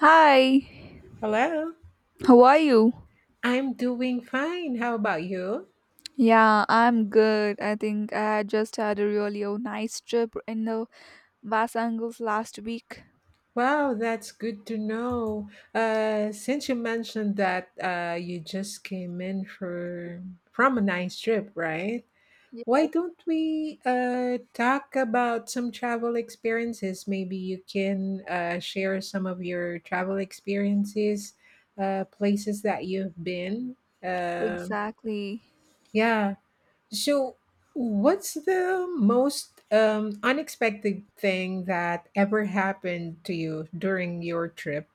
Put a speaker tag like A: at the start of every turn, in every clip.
A: Hi,
B: Hello.
A: how are you?
B: I'm doing fine. How about you?
A: Yeah, I'm good. I think I just had a really nice trip in the Basangles last week.
B: Wow, that's good to know. Since you mentioned that you just came in for from a nice trip, right?
A: Yeah,
B: Why don't we talk about some travel experiences? Maybe you can share some of your travel experiences, places that you've been. Uh,
A: exactly.
B: yeah. So, what's the most unexpected thing that ever happened to you during your trip?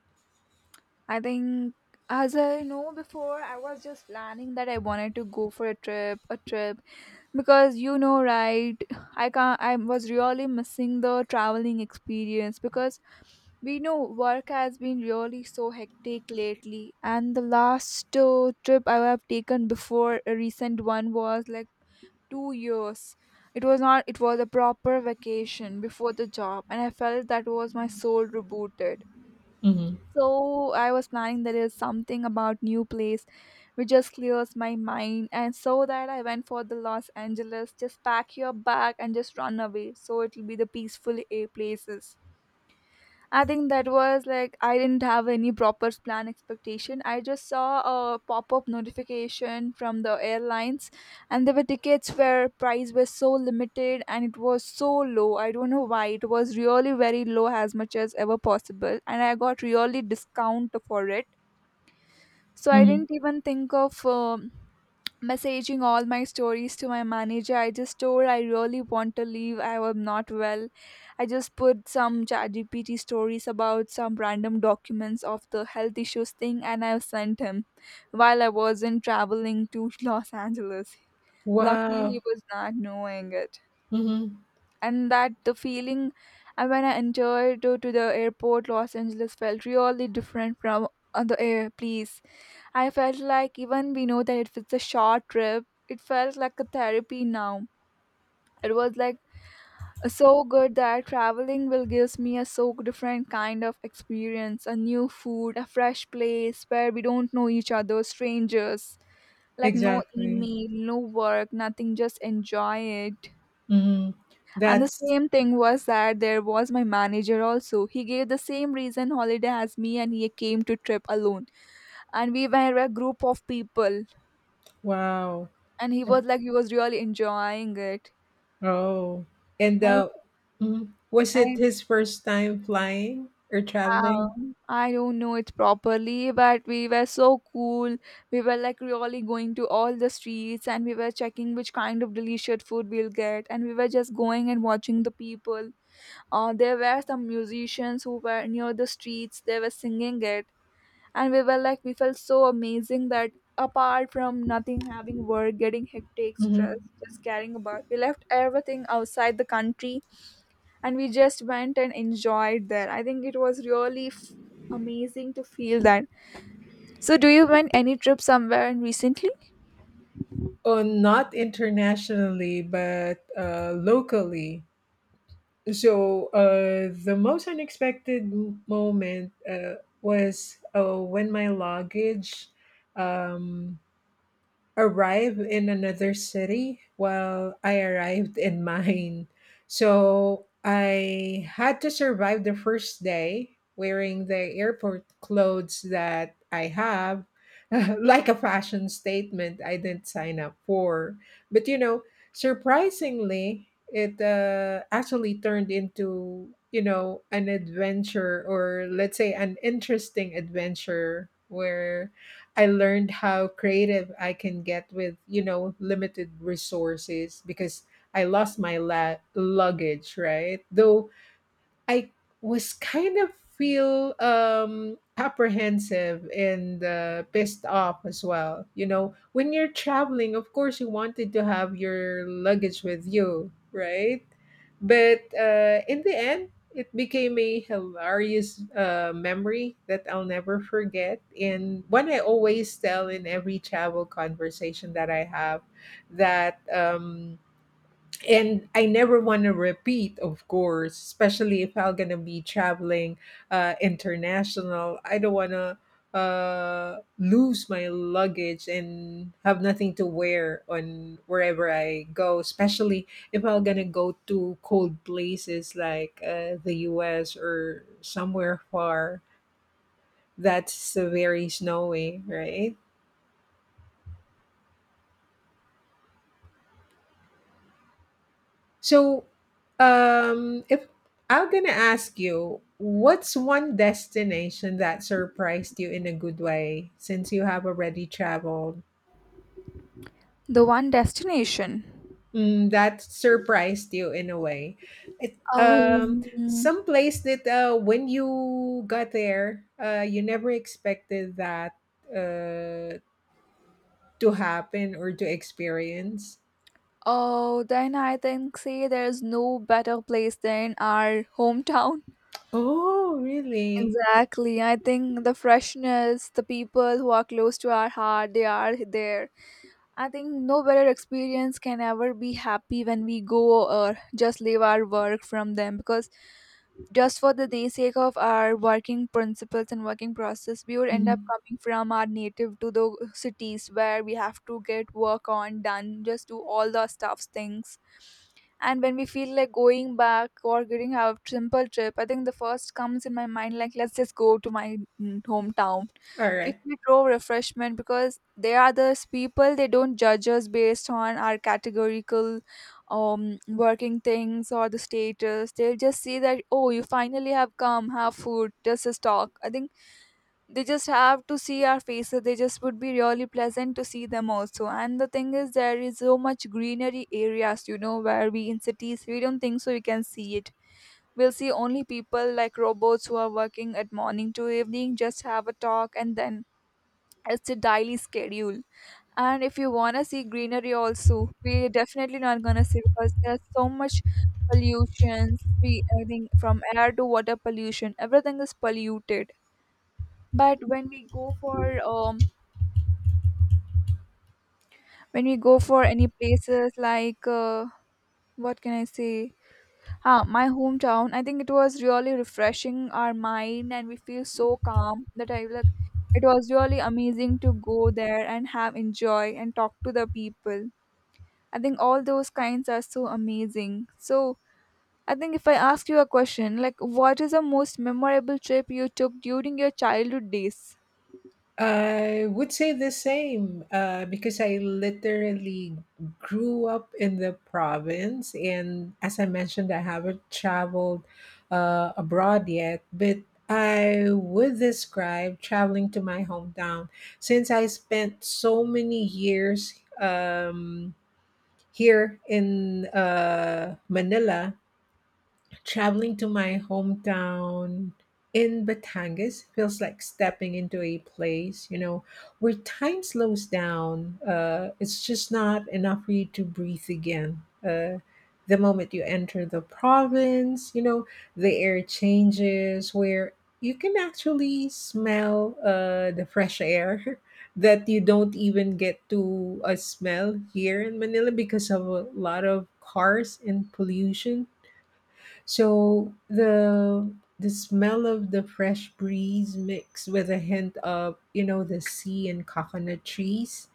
A: I think, as I know before, I was just planning that I wanted to go for a trip, because you know, right? I can't. I was really missing the traveling experience because we know work has been really so hectic lately, and the last trip I have taken before a recent one was like 2 years. It was not, it was a proper vacation before the job, and I felt that was my soul rebooted.
B: Hmm.
A: So I was planning there is something about new place which just clears my mind, and so that I went for the Los Angeles. Just pack your bag and just run away, so it will be the peaceful places. I think that was like I didn't have any proper plan expectation. I just saw a pop-up notification from the airlines, and there were tickets where price was so limited and it was so low. I don't know why it was really very low as much as ever possible, and I got really discount for it. So I
B: Hmm.
A: didn't even think of messaging all my stories to my manager. I just told I really want to leave, I am not well. I just put some chatgpt stories about some random documents of the health issues thing and I sent him while I wasn't traveling to Los Angeles. Luckily
B: Wow.
A: he was not knowing it,
B: Hmm.
A: and that the feeling when I entered to the airport, Los Angeles felt really different from other air place. I felt like even we know that if it's a short trip, it felt like a therapy now. It was like so good that traveling will gives me a so different kind of experience, a new food, a fresh place where we don't know each other, strangers, like no
B: Exactly.
A: email, no work, nothing, just enjoy it.
B: Hmm.
A: And the
B: That's
A: same thing was that there was my manager also. He gave the same reason holiday as me and he came to trip alone. And we were a group of people,
B: wow.
A: and he was like he was really enjoying it.
B: Oh, and
A: And
B: mhm. Was it
A: and
B: his first time flying or traveling?
A: I don't know it properly, but we were so cool. We were like really going to all the streets and we were checking which kind of delicious food we'll get, and we were just going and watching the people. There were some musicians who were near the streets, they were singing it, and we were like we felt so amazing that apart from nothing having work getting hectic stress,
B: Hmm.
A: just caring about, we left everything outside the country and we just went and enjoyed there. I think it was really amazing to feel that. So do you went any trip somewhere in recently?
B: Oh, not internationally, but locally. So the most unexpected moment was when my luggage um, arrive in another city while I arrived in mine, so I had to survive the first day wearing the airport clothes that I have, like a fashion statement I didn't sign up for. But you know, surprisingly, it actually turned into, you know, an adventure, or let's say an interesting adventure where I learned how creative I can get with, you know, limited resources, because I lost my luggage, right? Though I was kind of feel apprehensive and pissed off as well. You know, when you're traveling, of course you wanted to have your luggage with you, right? But in the end, it became a hilarious memory that I'll never forget. And one I always tell in every travel conversation that I have, that and I never want to repeat, of course, especially if I'm gonna be traveling international. I don't want to lose my luggage and have nothing to wear on wherever I go, especially if I'm gonna go to cold places like the U.S. or somewhere far that's very snowy, right? So, if I'm gonna ask you, what's one destination that surprised you in a good way since you have already traveled?
A: The one destination.
B: Mm, that surprised you in a way. It
A: Oh,
B: Some place that when you got there, you never expected that uh to happen or to experience.
A: oh, then I think say there's no better place than our hometown.
B: Oh, really?
A: Exactly. I think the freshness, the people who are close to our heart, they are there. I think no better experience can ever be happy when we go or just leave our work from them, because just for the day sake of our working principles and working process, we would end up
B: Mhm.
A: coming from our native to the cities where we have to get work on done, just do all the stuffs things. And when we feel like going back or getting a simple trip, I think the first comes in my mind like let's just go to my hometown.
B: All
A: We
B: right.
A: feel so refreshment because they are those people, they don't judge us based on our categorical working things or the status. They'll just see that oh you finally have come, have food, just talk. I think they just have to see our faces, they just would be really pleasant to see them also. And the thing is there is so much greenery areas, you know, where we in cities we don't think so we can see it. We'll see only people like robots who are working at morning to evening, just have a talk, and then it's a daily schedule. And if you want to see greenery also we're definitely not going to see, because there's so much pollutions. We, I think from air to water pollution, everything is polluted. But when we go for when we go for any places like what can I say? Huh, my hometown. I think it was really refreshing our mind, and we feel so calm that I like. It was really amazing to go there and have enjoy and talk to the people. I think all those kinds are so amazing. So I think if I ask you a question, like what is the most memorable trip you took during your childhood days?
B: I would say the same because I literally grew up in the province. And as I mentioned, I haven't traveled abroad yet, but I would describe traveling to my hometown since I spent so many years here in Manila. Traveling to my hometown in Batangas feels like stepping into a place, you know, where time slows down. It's just not enough for you to breathe again. The moment you enter the province, you know, the air changes where you can actually smell the fresh air that you don't even get to a smell here in Manila because of a lot of cars and pollution. So the smell of the fresh breeze mixed with a hint of, you know, the sea and coconut trees,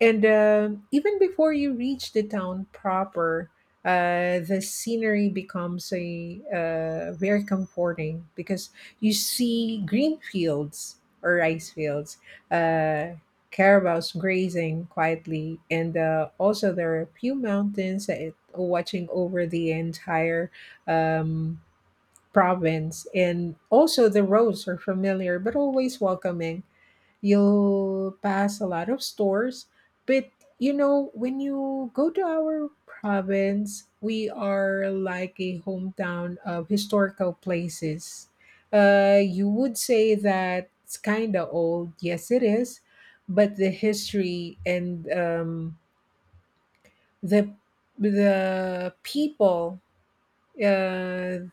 B: and even before you reach the town proper, the scenery becomes a very comforting, because you see green fields or rice fields. Uh, carabaos grazing quietly, and also there are a few mountains that watching over the entire um, province. And also, the roads are familiar but always welcoming. You'll pass a lot of stores, but you know, when you go to our province, we are like a hometown of historical places. You would say that it's kind of old. Yes, it is. But the history and the the people, uh,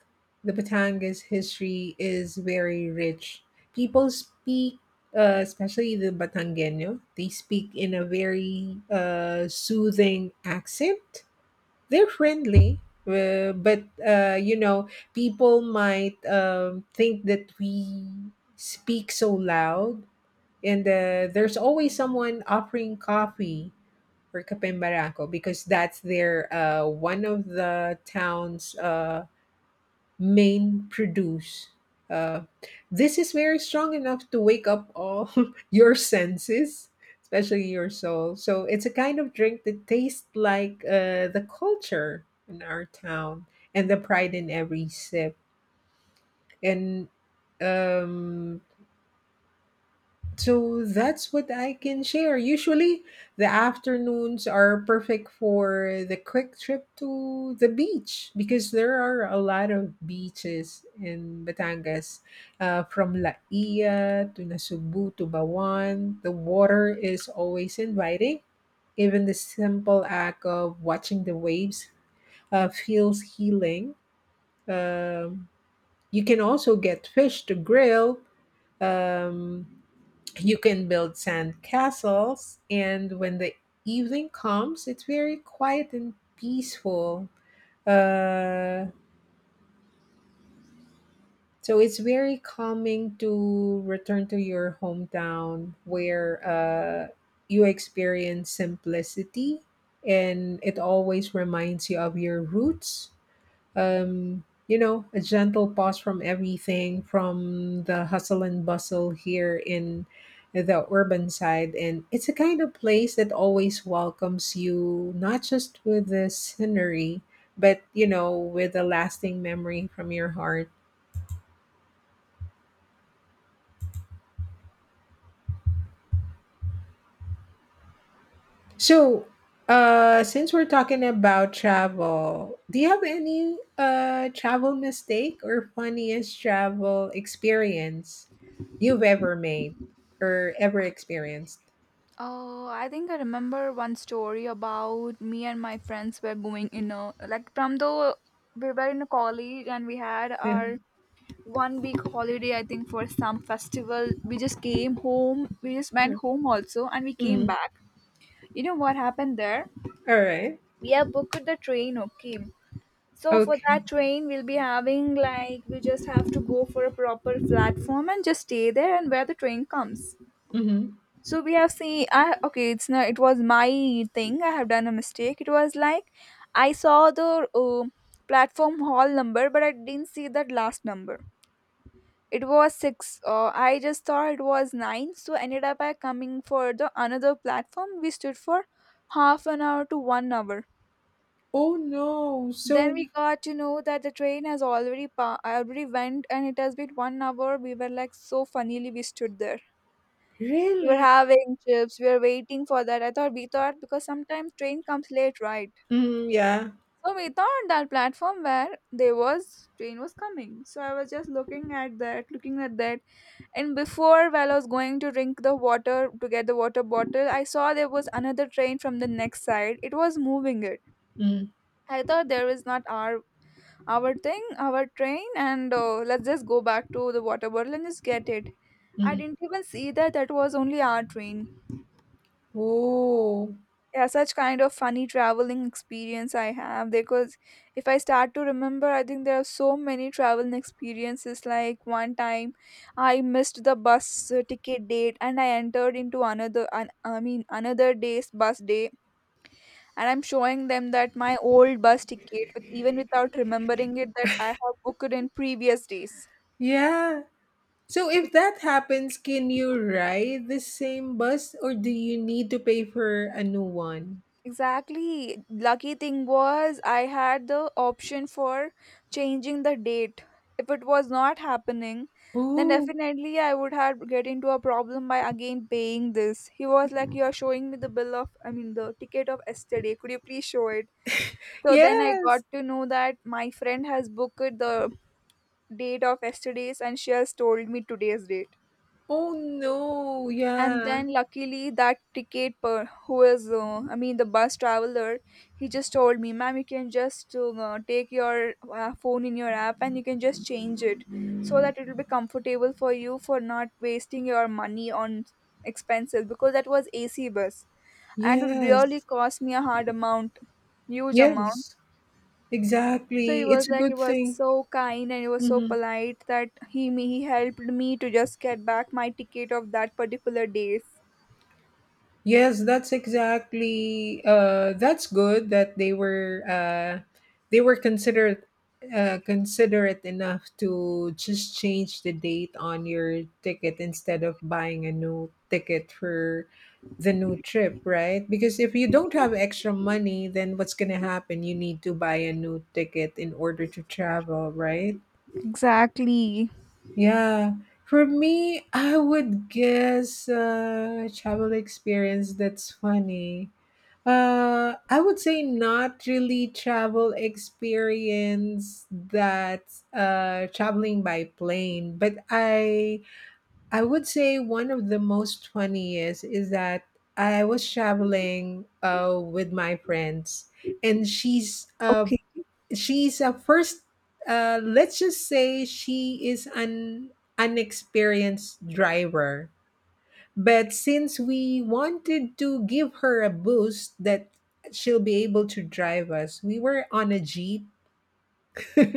B: the Batangas history is very rich. People speak, especially the Batangueño, they speak in a very soothing accent. They're friendly, but you know, people might think that we speak so loud. And there's always someone offering coffee or kapembarako, because that's their one of the town's main produce. Uh, this is very strong enough to wake up all your senses, especially your soul. So it's a kind of drink that tastes like the culture in our town and the pride in every sip. And um, so that's what I can share. Usually, the afternoons are perfect for the quick trip to the beach because there are a lot of beaches in Batangas, from La Ia to Nasubu to Bawan. The water is always inviting. Even the simple act of watching the waves feels healing. Um, you can also get fish to grill. Um, you can build sand castles, and when the evening comes, it's very quiet and peaceful. Uh, so it's very calming to return to your hometown where you experience simplicity, and it always reminds you of your roots, you know, a gentle pause from everything, from the hustle and bustle here in the urban side. And it's a kind of place that always welcomes you, not just with the scenery, but, you know, with a lasting memory from your heart. So, since we're talking about travel, do you have any travel mistake or funniest travel experience you've ever made or ever experienced?
A: Oh, I think I remember one story about me and my friends were going in a like from the, we were in a college and we had our 1 week holiday I think for some festival. We just came home. We just went home also and we came
B: Mhm.
A: back. You know what happened there?
B: All right.
A: We have booked the train, okay. So for
B: Okay.
A: that train we'll be having like we just have to go for a proper platform and just stay there and where the train comes.
B: Hmm.
A: So we have seen. I okay. It's not. It was my thing. I have done a mistake. It was like I saw the platform hall number, but I didn't see that last number. It was six. I just thought it was nine. So ended up I coming for the another platform. We stood for half an hour to 1 hour.
B: Oh no.
A: Then
B: So
A: we got to know that the train has already already went, and it has been 1 hour. We were like so funnily we stood there. We were
B: really?
A: having chips. We were waiting for that. I thought, we thought because sometimes train comes late, right?
B: Mm, yeah.
A: So we thought that platform where there was train was coming. So I was just looking at that, and before while I was going to drink the water to get the water bottle, I saw there was another train from the next side. It was moving it. I thought there is not our thing, our train, and let's just go back to the water bottle and just get it. I
B: Mm-hmm.
A: didn't even see that that was only our train.
B: Oh
A: Yeah, such kind of funny traveling experience I have, because if I start to remember I think there are so many traveling experiences. Like one time I missed the bus ticket date and I entered into another I mean another day's bus day, and I'm showing them that my old bus ticket with even without remembering it that I have booked in previous days.
B: yeah. So if that happens, can you ride the same bus or do you need to pay for a new one?
A: Exactly. Lucky thing was I had the option for changing the date. If it was not happening, then
B: Oh,
A: definitely I would have get into a problem by again paying this. He was like, "You are showing me the bill of, I mean, the ticket of yesterday. Could you please show it?" So then I got
B: yes.
A: to know that my friend has booked the date of yesterday's, and she has told me today's date.
B: Oh no.
A: And
B: Yeah.
A: then luckily that ticket per who is I mean the bus traveler, he just told me, "Ma'am, you can just take your phone in your app and you can just change it, so that it will be comfortable for you for not wasting your money on expenses," because that was ac bus, and it really
B: Yes.
A: cost me a hard amount, huge amount.
B: Yes.
A: So he
B: Exactly.
A: was
B: It's a
A: like, he
B: good
A: was
B: thing.
A: so kind and he was so
B: Mhm.
A: polite that he helped me to just get back my ticket of that particular days.
B: Yes, that's exactly. That's good that they were considerate considerate enough to just change the date on your ticket instead of buying a new ticket for the new trip, right? Because if you don't have extra money, then what's gonna happen? You need to buy a new ticket in order to travel, right?
A: Exactly.
B: Yeah. For me, I would guess travel experience that's funny. I would say not really travel experience that's traveling by plane, but I would say one of the most funniest is that I was traveling with my friends, and she's uh,
A: Okay.
B: she's a first, let's just say she is an unexperienced driver, but since we wanted to give her a boost that she'll be able to drive us, we were on a jeep.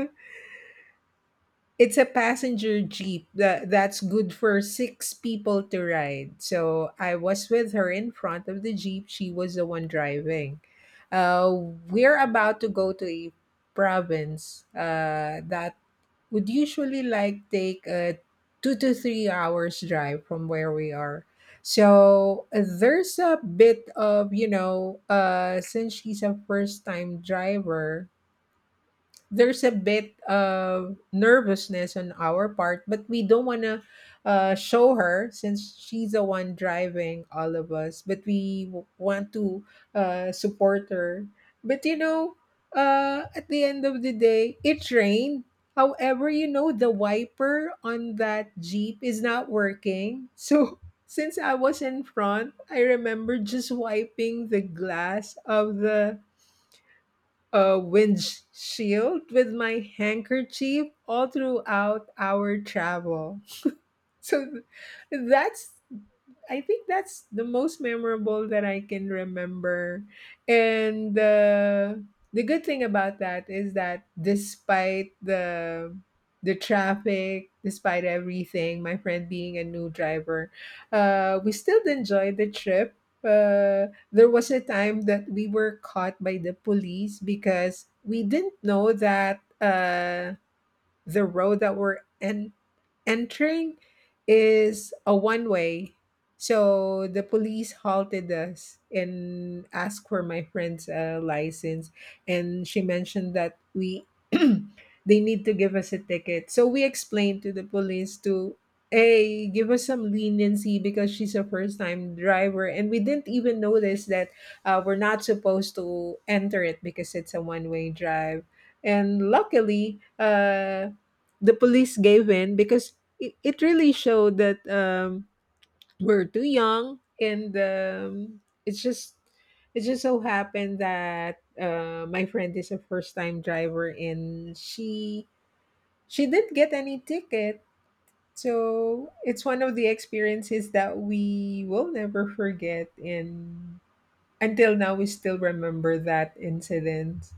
B: It's a passenger jeep that's good for six people to ride. So I was with her in front of the jeep. She was the one driving. Uh, we're about to go to a province that would usually like take a 2 to 3 hours drive from where we are. So there's a bit of, you know, since she's a first time driver, there's a bit of nervousness on our part, but we don't want to show her since she's the one driving all of us. But we want to support her. But you know, at the end of the day, it rained. However, you know, the wiper on that Jeep is not working. So, since I was in front, I remember just wiping the glass of the a windshield with my handkerchief all throughout our travel. So that's I think that's the most memorable that I can remember. And the good thing about that is that despite the traffic, despite everything, my friend being a new driver, we still enjoyed the trip. There was a time that we were caught by the police because we didn't know that the road that we're entering is a one way, so the police halted us and asked for my friend's license. And she mentioned that we they need to give us a ticket. So we explained to the police to hey, give us some leniency because she's a first time driver, and we didn't even notice that we're not supposed to enter it because it's a one way drive. And luckily, the police gave in because it really showed that we're too young, and it's just it just so happened that my friend is a first time driver, and she didn't get any ticket. So it's one of the experiences that we will never forget, and until now we still remember that incident.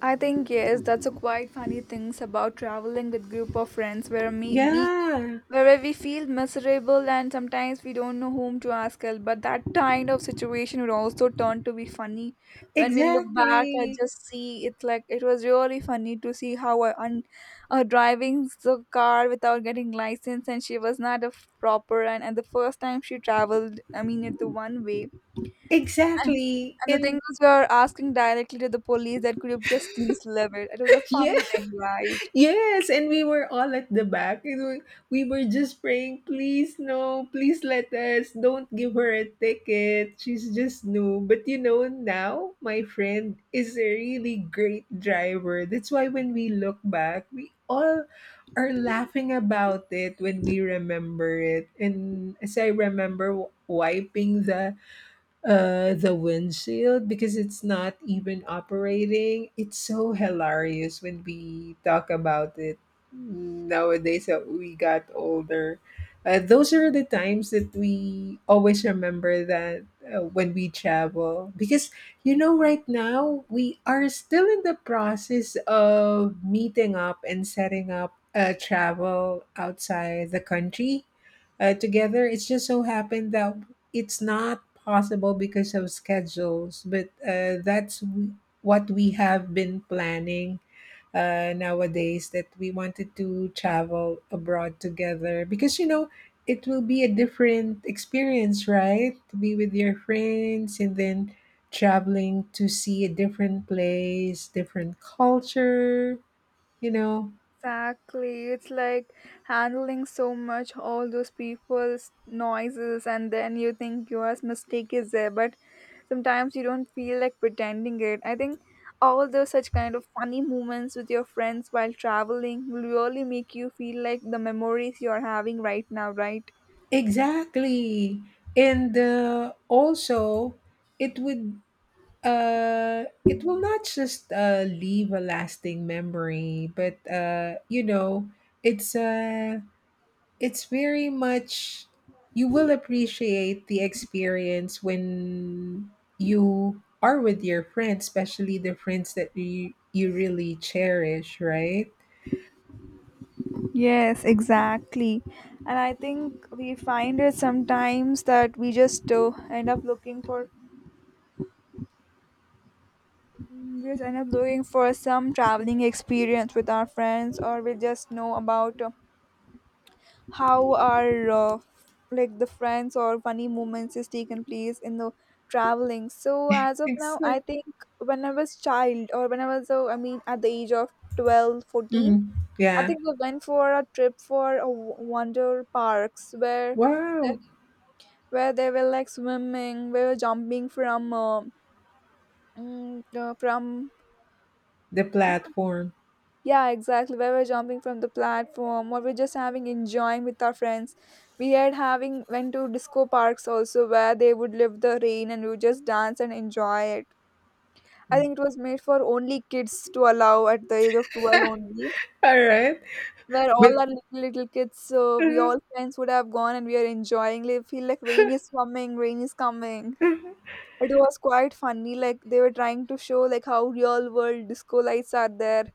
A: I think yes, that's a quite funny things about traveling with group of friends, where me me
B: Yeah.
A: where we feel miserable and sometimes we don't know whom to ask help. But that kind of situation would also turn to be funny. When we look back and
B: Exactly.
A: just see, it's like it was really funny to see how a driving the car without getting license, and she was not a proper, and the first time she traveled, I mean it's the one way. And
B: Exactly,
A: and the thing
B: and
A: was, we were asking directly to the police that could you just please leave it. It was a
B: yeah.
A: funny thing, right?
B: Yes, and we were all at the back. You know, we were just praying, please no, please let us. Don't give her a ticket. She's just new. But you know, now my friend is a really great driver. That's why when we look back, we all are laughing about it when we remember it. And as I remember wiping the windshield because it's not even operating. It's so hilarious when we talk about it nowadays that we got older. Those are the times that we always remember that when we travel, because you know right now we are still in the process of meeting up and setting up a travel outside the country together. It's just so happened that it's not possible because of schedules, but what we have been planning nowadays that we wanted to travel abroad together because, you know, it will be a different experience, right? To be with your friends and then traveling to see a different place, different culture, you know.
A: Exactly. It's like handling so much all those people's noises, and then you think your mistake is there, but sometimes you don't feel like pretending it. I think all those such kind of funny moments with your friends while traveling will really make you feel like the memories you are having right now, right?
B: Exactly. And also, it would It will not just leave a lasting memory, but it's uh, it's very much you will appreciate the experience when you are with your friends, especially the friends that you really cherish, right?
A: Yes, exactly. And I think we find it sometimes that we just end up looking for we just end up looking for some traveling experience with our friends, or we just know about how our like the friends or funny moments is taken place in the traveling. So as of now, I
B: Exactly.
A: think when I was child, or when I was I mean at the age of 12, 14,
B: Hmm.
A: I
B: Yeah.
A: think we went for a trip for a wonder parks,
B: Wow.
A: where they were like swimming, we were jumping from from
B: The platform.
A: yeah, exactly, we were jumping from the platform, or we're just having enjoying with our friends. We had having went to disco parks also, where they would live the rain and we would just dance and enjoy it. I
B: All
A: think it was made for only kids to allow at the age of 12 only,
B: right.
A: where
B: But
A: all our little little kids we all friends would have gone, and we are enjoying like feel like rain is coming, rain is coming. It was quite funny, like they were trying to show like how real world disco lights are there,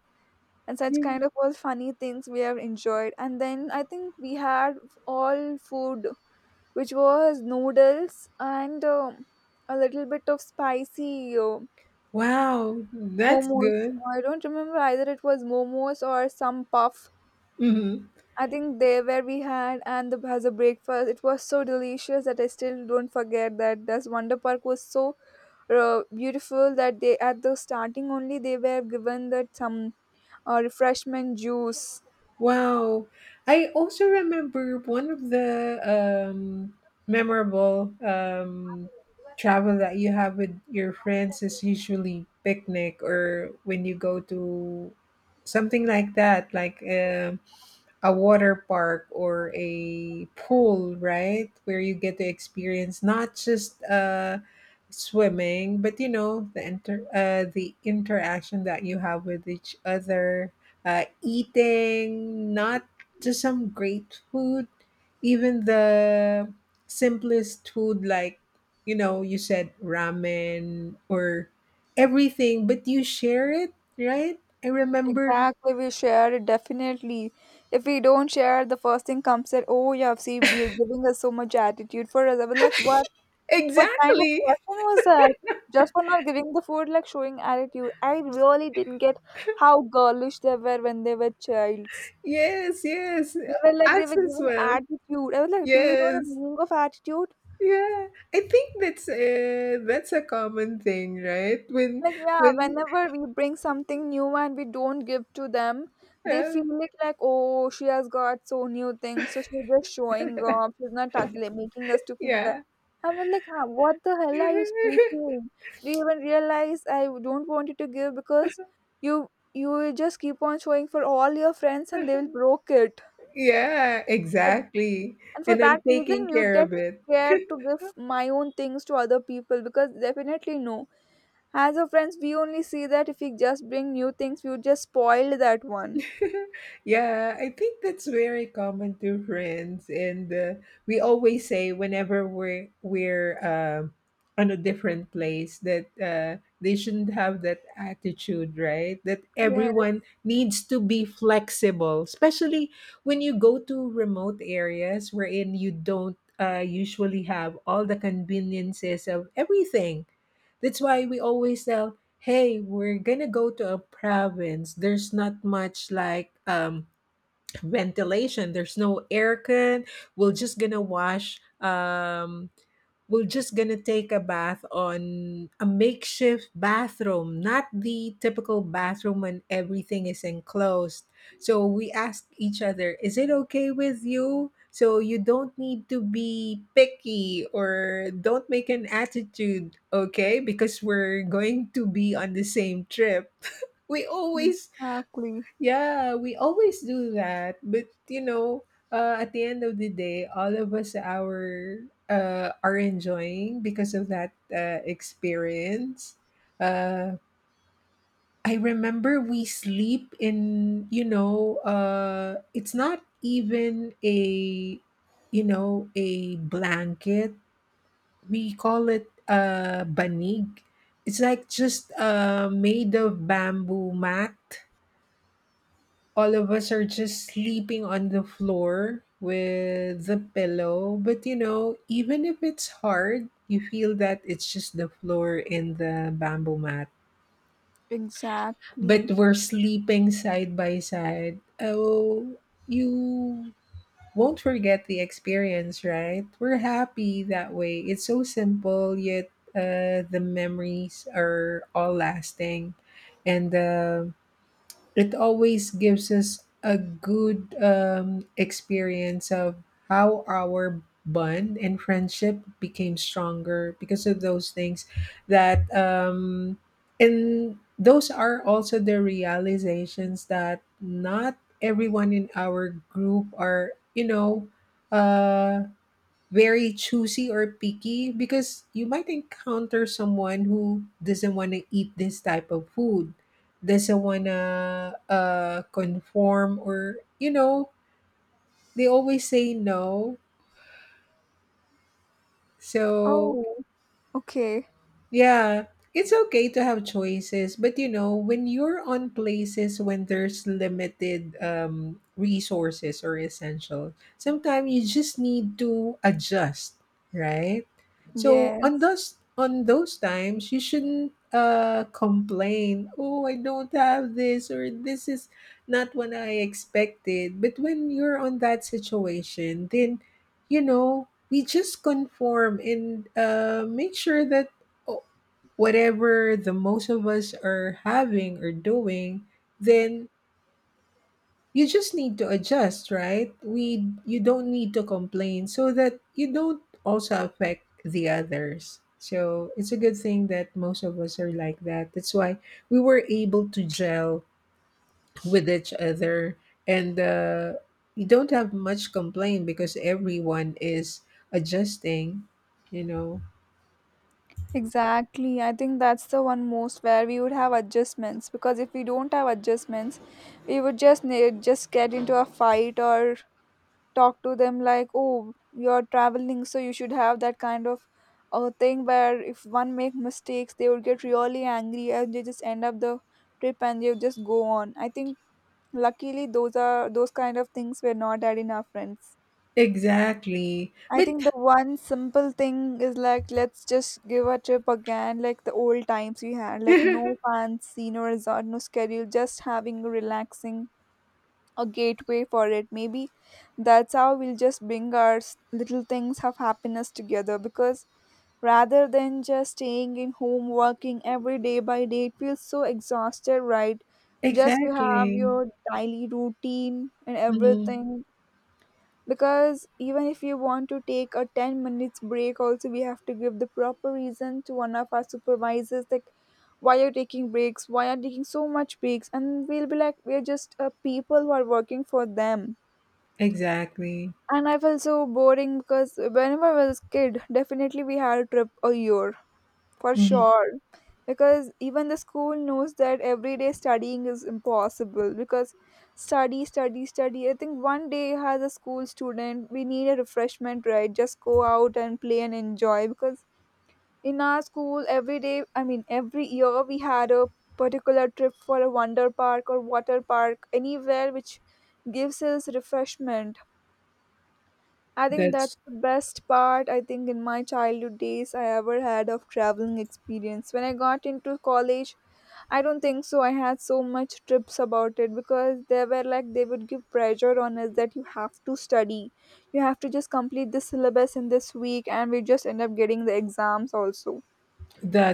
A: and such kind of all funny things we have enjoyed. And then I think we had all food, which was noodles and a little bit of spicy
B: wow, that's
A: momos.
B: good.
A: I don't remember either it was momos or some puff
B: Mhm.
A: I think there where we had, and the as a breakfast, it was so delicious that I still don't forget that. This Wonder Park was so beautiful that they at the starting only they were given that some refreshment juice.
B: Wow. I also remember one of the memorable travel that you have with your friends is usually picnic or when you go to something like that, like a water park or a pool, right? Where you get to experience not just swimming, but you know the interaction that you have with each other, eating not just some great food, even the simplest food like you know you said ramen or everything, but you share it, right? I remember
A: Exactly, we share it definitely. If we don't share, the first thing comes that, oh, you have seen, we are giving us so much attitude for us. I was like, what? What kind of
B: exactly.
A: question was that? Just for not giving the food, like showing attitude. I really didn't get how girlish they were when they were childs.
B: Yes, yes.
A: They were like they were
B: Us as
A: giving
B: well.
A: attitude. I was like, do you know the
B: Yes.
A: meaning of attitude?
B: Yeah. I think that's a common thing, right?
A: Like yeah,
B: When
A: whenever we bring something new and we don't give to them, they
B: uh,
A: feel it like, oh, she has got so new things, so she's just showing off, she's not like, making us to feel that.
B: yeah.
A: I was like, "Huh, what the hell are you speaking, do you even realize I don't want you to give, because you will just keep on showing for all your friends and they will broke it.
B: Yeah,
A: For th-
B: exactly.
A: and for
B: And I'm
A: that
B: taking
A: reason we would
B: care
A: get
B: of it.
A: scared to give my own things to other people, because definitely no, as a friends, we only see that if we just bring new things, we would just spoil that one.
B: Yeah, I think that's very common to friends, and we always say whenever we're on a different place that they shouldn't have that attitude, right? That
A: Yes,
B: everyone needs to be flexible, especially when you go to remote areas wherein you don't usually have all the conveniences of everything. That's why we always tell, hey, we're gonna go to a province. There's not much like ventilation. There's no aircon. We're just gonna wash um, we're just gonna take a bath on a makeshift bathroom, not the typical bathroom when everything is enclosed. So we ask each other, is it okay with you? So you don't need to be picky or don't make an attitude, okay? Because we're going to be on the same trip. We always
A: exactly.
B: Yeah, we always do that. But you know, at the end of the day, all of us are enjoying because of that experience. Uh, I remember we sleep in, you know, it's not even a, you know, a blanket. We call it a banig. It's like just made of bamboo mat. All of us are just sleeping on the floor with the pillow. But you know, even if it's hard, you feel that it's just the floor and the bamboo mat. But
A: Exactly.
B: we're sleeping side by side. Oh, you won't forget the experience, right? We're happy that way. It's so simple, yet the memories are all lasting. And it always gives us a good experience of how our bond and friendship became stronger because of those things that and those are also the realizations that not everyone in our group are you know uh very choosy or picky because you might encounter someone who doesn't want to eat this type of food, doesn't want to conform, or, you know, they always say no. So
A: Oh, okay.
B: yeah, it's okay to have choices, but you know, when you're on places when there's limited resources or essential, sometimes you just need to adjust, right? So on
A: Yes,
B: those times, you shouldn't complain. Oh, I don't have this, or this is not what I expected. But when you're on that situation, then you know we just conform and make sure that o- whatever the most of us are having or doing, then you just need to adjust, right? We You don't need to complain so that you don't also affect the others. So it's a good thing that most of us are like that. That's why we were able to gel with each other, and you don't have much complaint because everyone is adjusting. You know
A: exactly. I think that's the one most where we would have adjustments, because if we don't have adjustments, we would just just get into a fight, or talk to them like, oh, you're traveling so you should have that kind of thing, where if one make mistakes they would get really angry and they just end up the trip and they just go on. I think luckily those are those kind of things were not had in our friends.
B: exactly,
A: I
B: but
A: think the one simple thing is like, let's just give a trip again like the old times we had, like no fancy, no resort, no schedule, just having a relaxing a gateway for it. Maybe that's how we'll just bring our little things of happiness together, because rather than just staying in home working every day by day, it feels so exhausted, right? Just you have
B: exactly.
A: your daily routine and
B: Mhm.
A: everything, because even if you want to take a 10 minutes break also, we have to give the proper reason to one of our supervisors, like why you're taking breaks, why are taking so much breaks, and we'll be like, we're just people who are working for them.
B: Exactly.
A: And I felt so boring, because whenever I was a kid, definitely we had a trip a year for
B: Mhm.
A: sure. Because even the school knows that everyday studying is impossible. Because study, study, study. I think one day, as a school student, we need a refreshment, right? Just go out and play and enjoy. Because in our school, every day, I mean, every year, we had a particular trip for a wonder park or water park, anywhere which gives us refreshment. I think that's
B: That's
A: the best part. I think in my childhood days I ever had of traveling experience. When I got into college, I don't think so. I had so much trips about it, because they were like they would give pressure on us that you have to study. You have to just complete the syllabus in this week, and we just end up getting the exams also.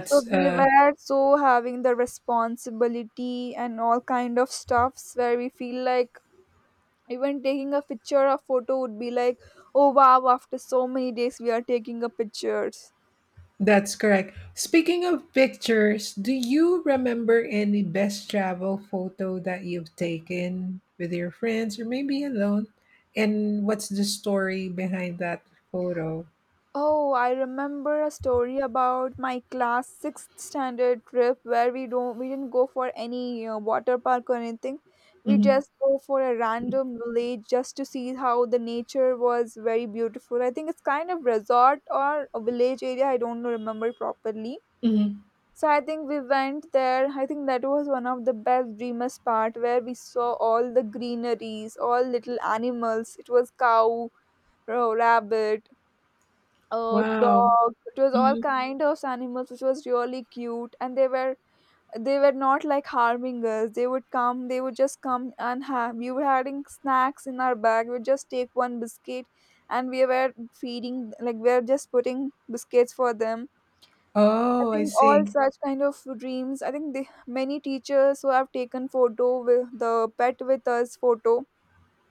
A: So we
B: uh
A: were so having the responsibility and all kind of stuffs where we feel like even taking a picture or photo would be like, oh wow, after so many days we are taking a pictures.
B: that's correct. Speaking of pictures, do you remember any best travel photo that you've taken with your friends or maybe alone? And what's the story behind that photo?
A: Oh, I remember a story about my class 6th standard trip, where we didn't go for any water park or anything. We
B: Mhm.
A: just go for a random village just to see how the nature was very beautiful. I think it's kind of resort or a village area, I don't remember properly.
B: Mhm.
A: So I think we went there. I think that was one of the best dreamers part, where we saw all the greeneries, all little animals. It was cow, rabbit,
B: Wow.
A: dog. It was all
B: Mhm.
A: kind of animals, which was really cute. And they were not like harming us. They would come. They would just come and have. We were having snacks in our bag. We would just take one biscuit, and we were feeding like we were just putting biscuits for them. I
B: Oh, I
A: think all
B: see.
A: such kind of dreams. I think they, many teachers who have taken photo with the pet with us photo.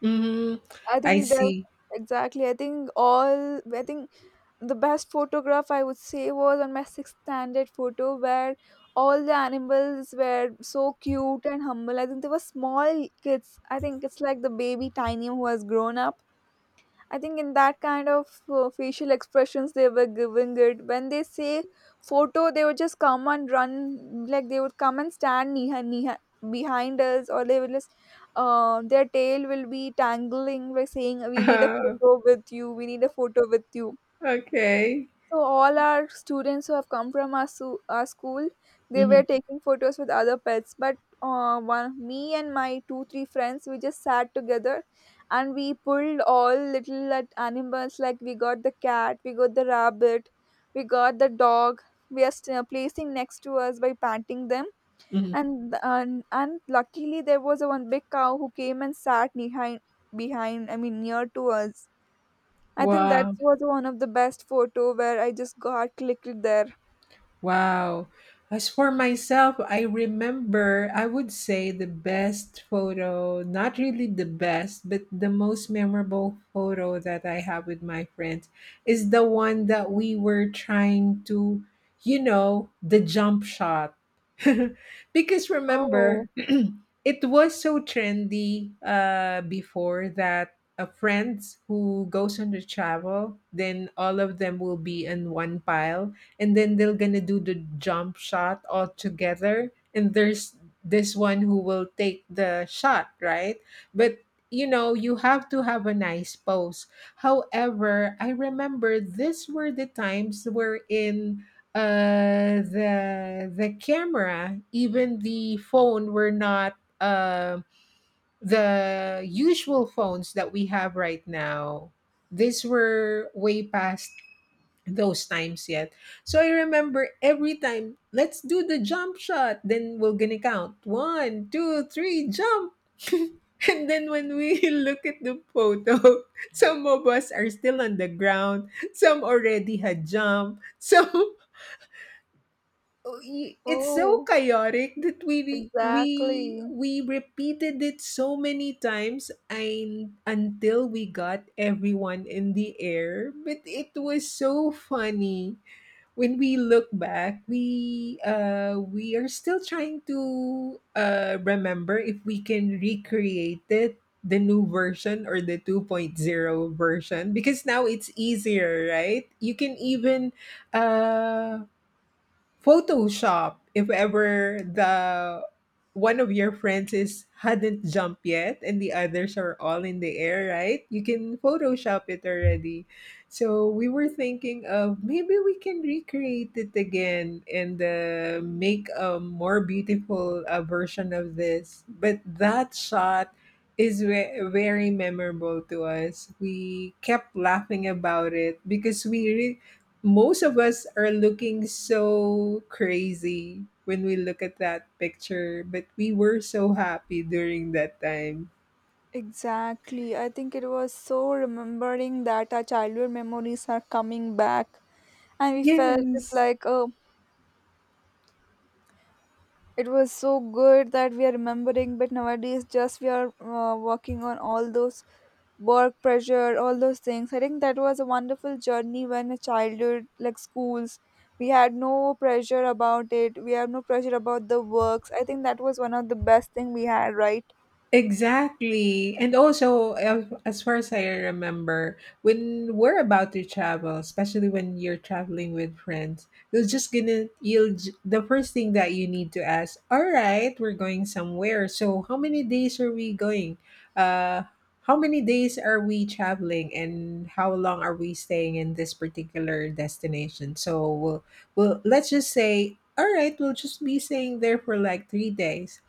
B: Mhm.
A: I
B: I
A: think they
B: see.
A: exactly. I think all. I think the best photograph I would say was on my sixth standard photo, where all the animals were so cute and humble. I think they were small kids. I think it's like the baby tiny who has grown up. I think in that kind of facial expressions they were giving it. When they say photo, they would just come and run, like they would come and stand near, near, behind us, or they will just, their tail will be tangling, like saying, we need a photo with you, we need a photo with you.
B: Okay.
A: So all our students who have come from our, our school, they were
B: Mhm.
A: taking photos with other pets. But one, me and my two three friends, we just sat together, and we pulled all little like, animals. Like we got the cat, we got the rabbit, we got the dog. We are placing next to us by patting them,
B: Mhm.
A: and and luckily there was a one big cow who came and sat behind. I mean near to us. I think that
B: Wow.
A: was one of the best photo where I just got clicked there.
B: Wow. As for myself, I remember, I would say the best photo, not really the best, but the most memorable photo that I have with my friends is the one that we were trying to, you know, the jump shot. Because
A: Oh,
B: remember, it was so trendy before that friends who goes on the travel, then all of them will be in one pile and then they're gonna do the jump shot all together, and there's this one who will take the shot, right? But you know you have to have a nice pose. However, I remember these were the times where in the camera, even the phone, were not uh the usual phones that we have right now. These were way past those times yet. So I remember every time, let's do the jump shot. Then we're gonna count one, two, three, jump. And then when we look at the photo, some of us are still on the ground. Some already had jumped. So it's so
A: oh,
B: chaotic that we we
A: exactly.
B: we repeated it so many times and until we got everyone in the air. But it was so funny when we look back, we are still trying to remember if we can recreate it, the new version or the 2.0 version, because now it's easier, right? You can even uh, Photoshop, if ever the one of your friends is hadn't jumped yet and the others are all in the air, right? You can Photoshop it already. So we were thinking of maybe we can recreate it again and make a more beautiful version of this. But that shot very memorable to us. We kept laughing about it because most of us are looking so crazy when we look at that picture, but we were so happy during that time.
A: Exactly. I think it was so remembering that our childhood memories are coming back, and we felt it's
B: Yes.
A: like, oh, it was so good that we are remembering, but nowadays just we are working on all those work pressure, all those things. I think that was a wonderful journey when a childhood, like schools, we had no pressure about it. We have no pressure about the works. I think that was one of the best thing we had, right?
B: Exactly. And also, as far as I remember, when we're about to travel, especially when you're traveling with friends, you're just gonna, you'll, j- the first thing that you need to ask, all right, we're going somewhere. So, how many days are we going? Uh, how many days are we traveling and how long are we staying in this particular destination? So, well, let's just say all right we'll just be staying there for like 3 days.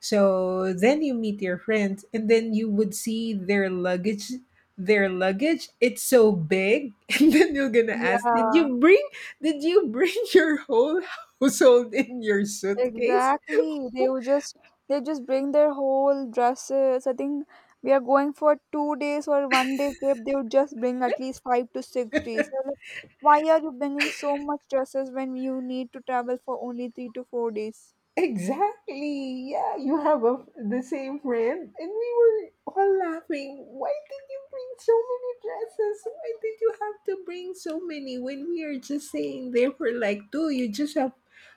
B: So then you meet your friends and then you would see their luggage. Their luggage, it's so big. And then you're gonna ask, did
A: Yeah.
B: you bring did you bring your whole household in your suitcase?
A: Exactly. They would just they just bring their whole dresses. I think we are going for 2 days or one day trip. They would just bring at least 5 to 6 days. I'm like, why are you bringing so much dresses when you need to travel for only 3 to 4 days?
B: Exactly. Yeah, you have a, the same friend. And we were all laughing. Why did you bring so many dresses? Why did you have to bring so many when we are just saying there for like two? You just have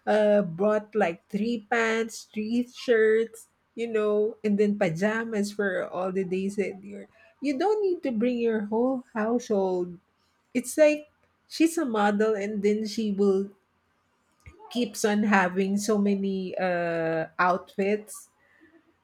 B: brought like three pants, three shirts, you know, and then pajamas for all the days that you're. You don't need to bring your whole household. It's like she's a model and then she will keeps on having so many outfits.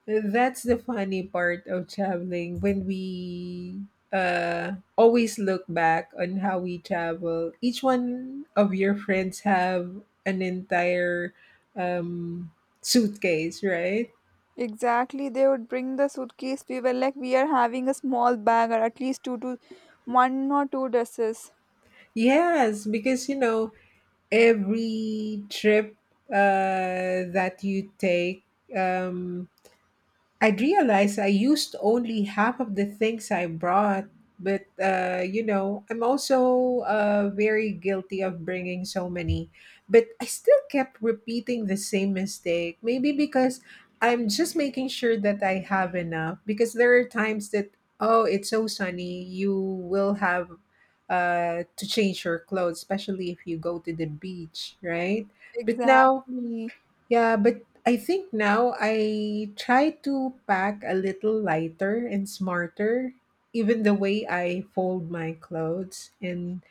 B: That's the funny part of traveling when we always look back on how we travel. Each one of your friends have an entire um, suitcase, right?
A: Exactly. They would bring the suitcase. We were like, we are having a small bag or at least two to one or two dresses.
B: Yes, because you know every trip that you take, um, I realized I used only half of the things I brought, but you know, I'm also very guilty of bringing so many. But I still kept repeating the same mistake. Maybe because I'm just making sure that I have enough. Because there are times that, oh, it's so sunny, you will have to change your clothes, especially if you go to the beach, right? But now,
A: Exactly.
B: yeah, but I think now I try to pack a little lighter and smarter, even the way I fold my clothes. And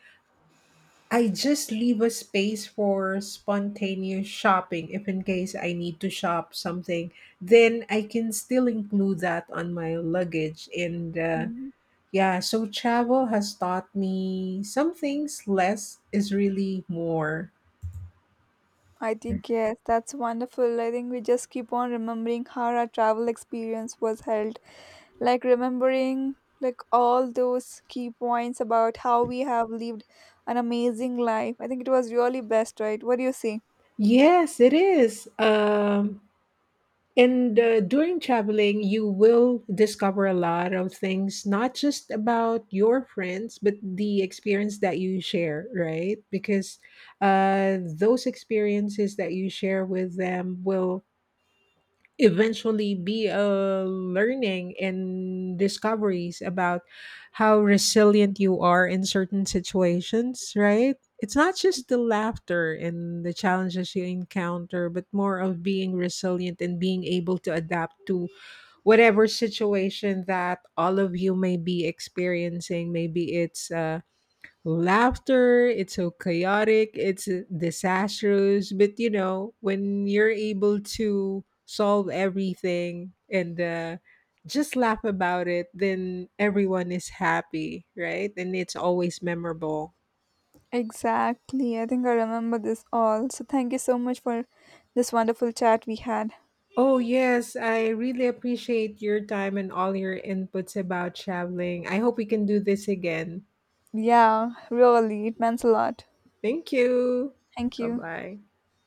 B: I just leave a space for spontaneous shopping if in case I need to shop something. Then I can still include that on my luggage. And
A: Mm-hmm.
B: yeah, so travel has taught me some things less is really more.
A: I think, yes, that's wonderful. I think we just keep on remembering how our travel experience was held. Like remembering like all those key points about how we have lived an amazing life. I think it was really best, right? What do you say?
B: Yes, it is. And during traveling, you will discover a lot of things, not just about your friends, but the experience that you share, right? Because those experiences that you share with them will eventually be a learning and discoveries about how resilient you are in certain situations, right? It's not just the laughter and the challenges you encounter, but more of being resilient and being able to adapt to whatever situation that all of you may be experiencing. Maybe it's laughter. It's so chaotic. It's disastrous. But you know, when you're able to solve everything and just laugh about it, then everyone is happy, right? And it's always memorable.
A: Exactly. I think I remember this all. So thank you so much for this wonderful chat we had.
B: Oh, yes. I really appreciate your time and all your inputs about traveling. I hope we can do this again.
A: Yeah, really. It meant a lot.
B: Thank you.
A: Thank
B: Bye
A: you.
B: bye.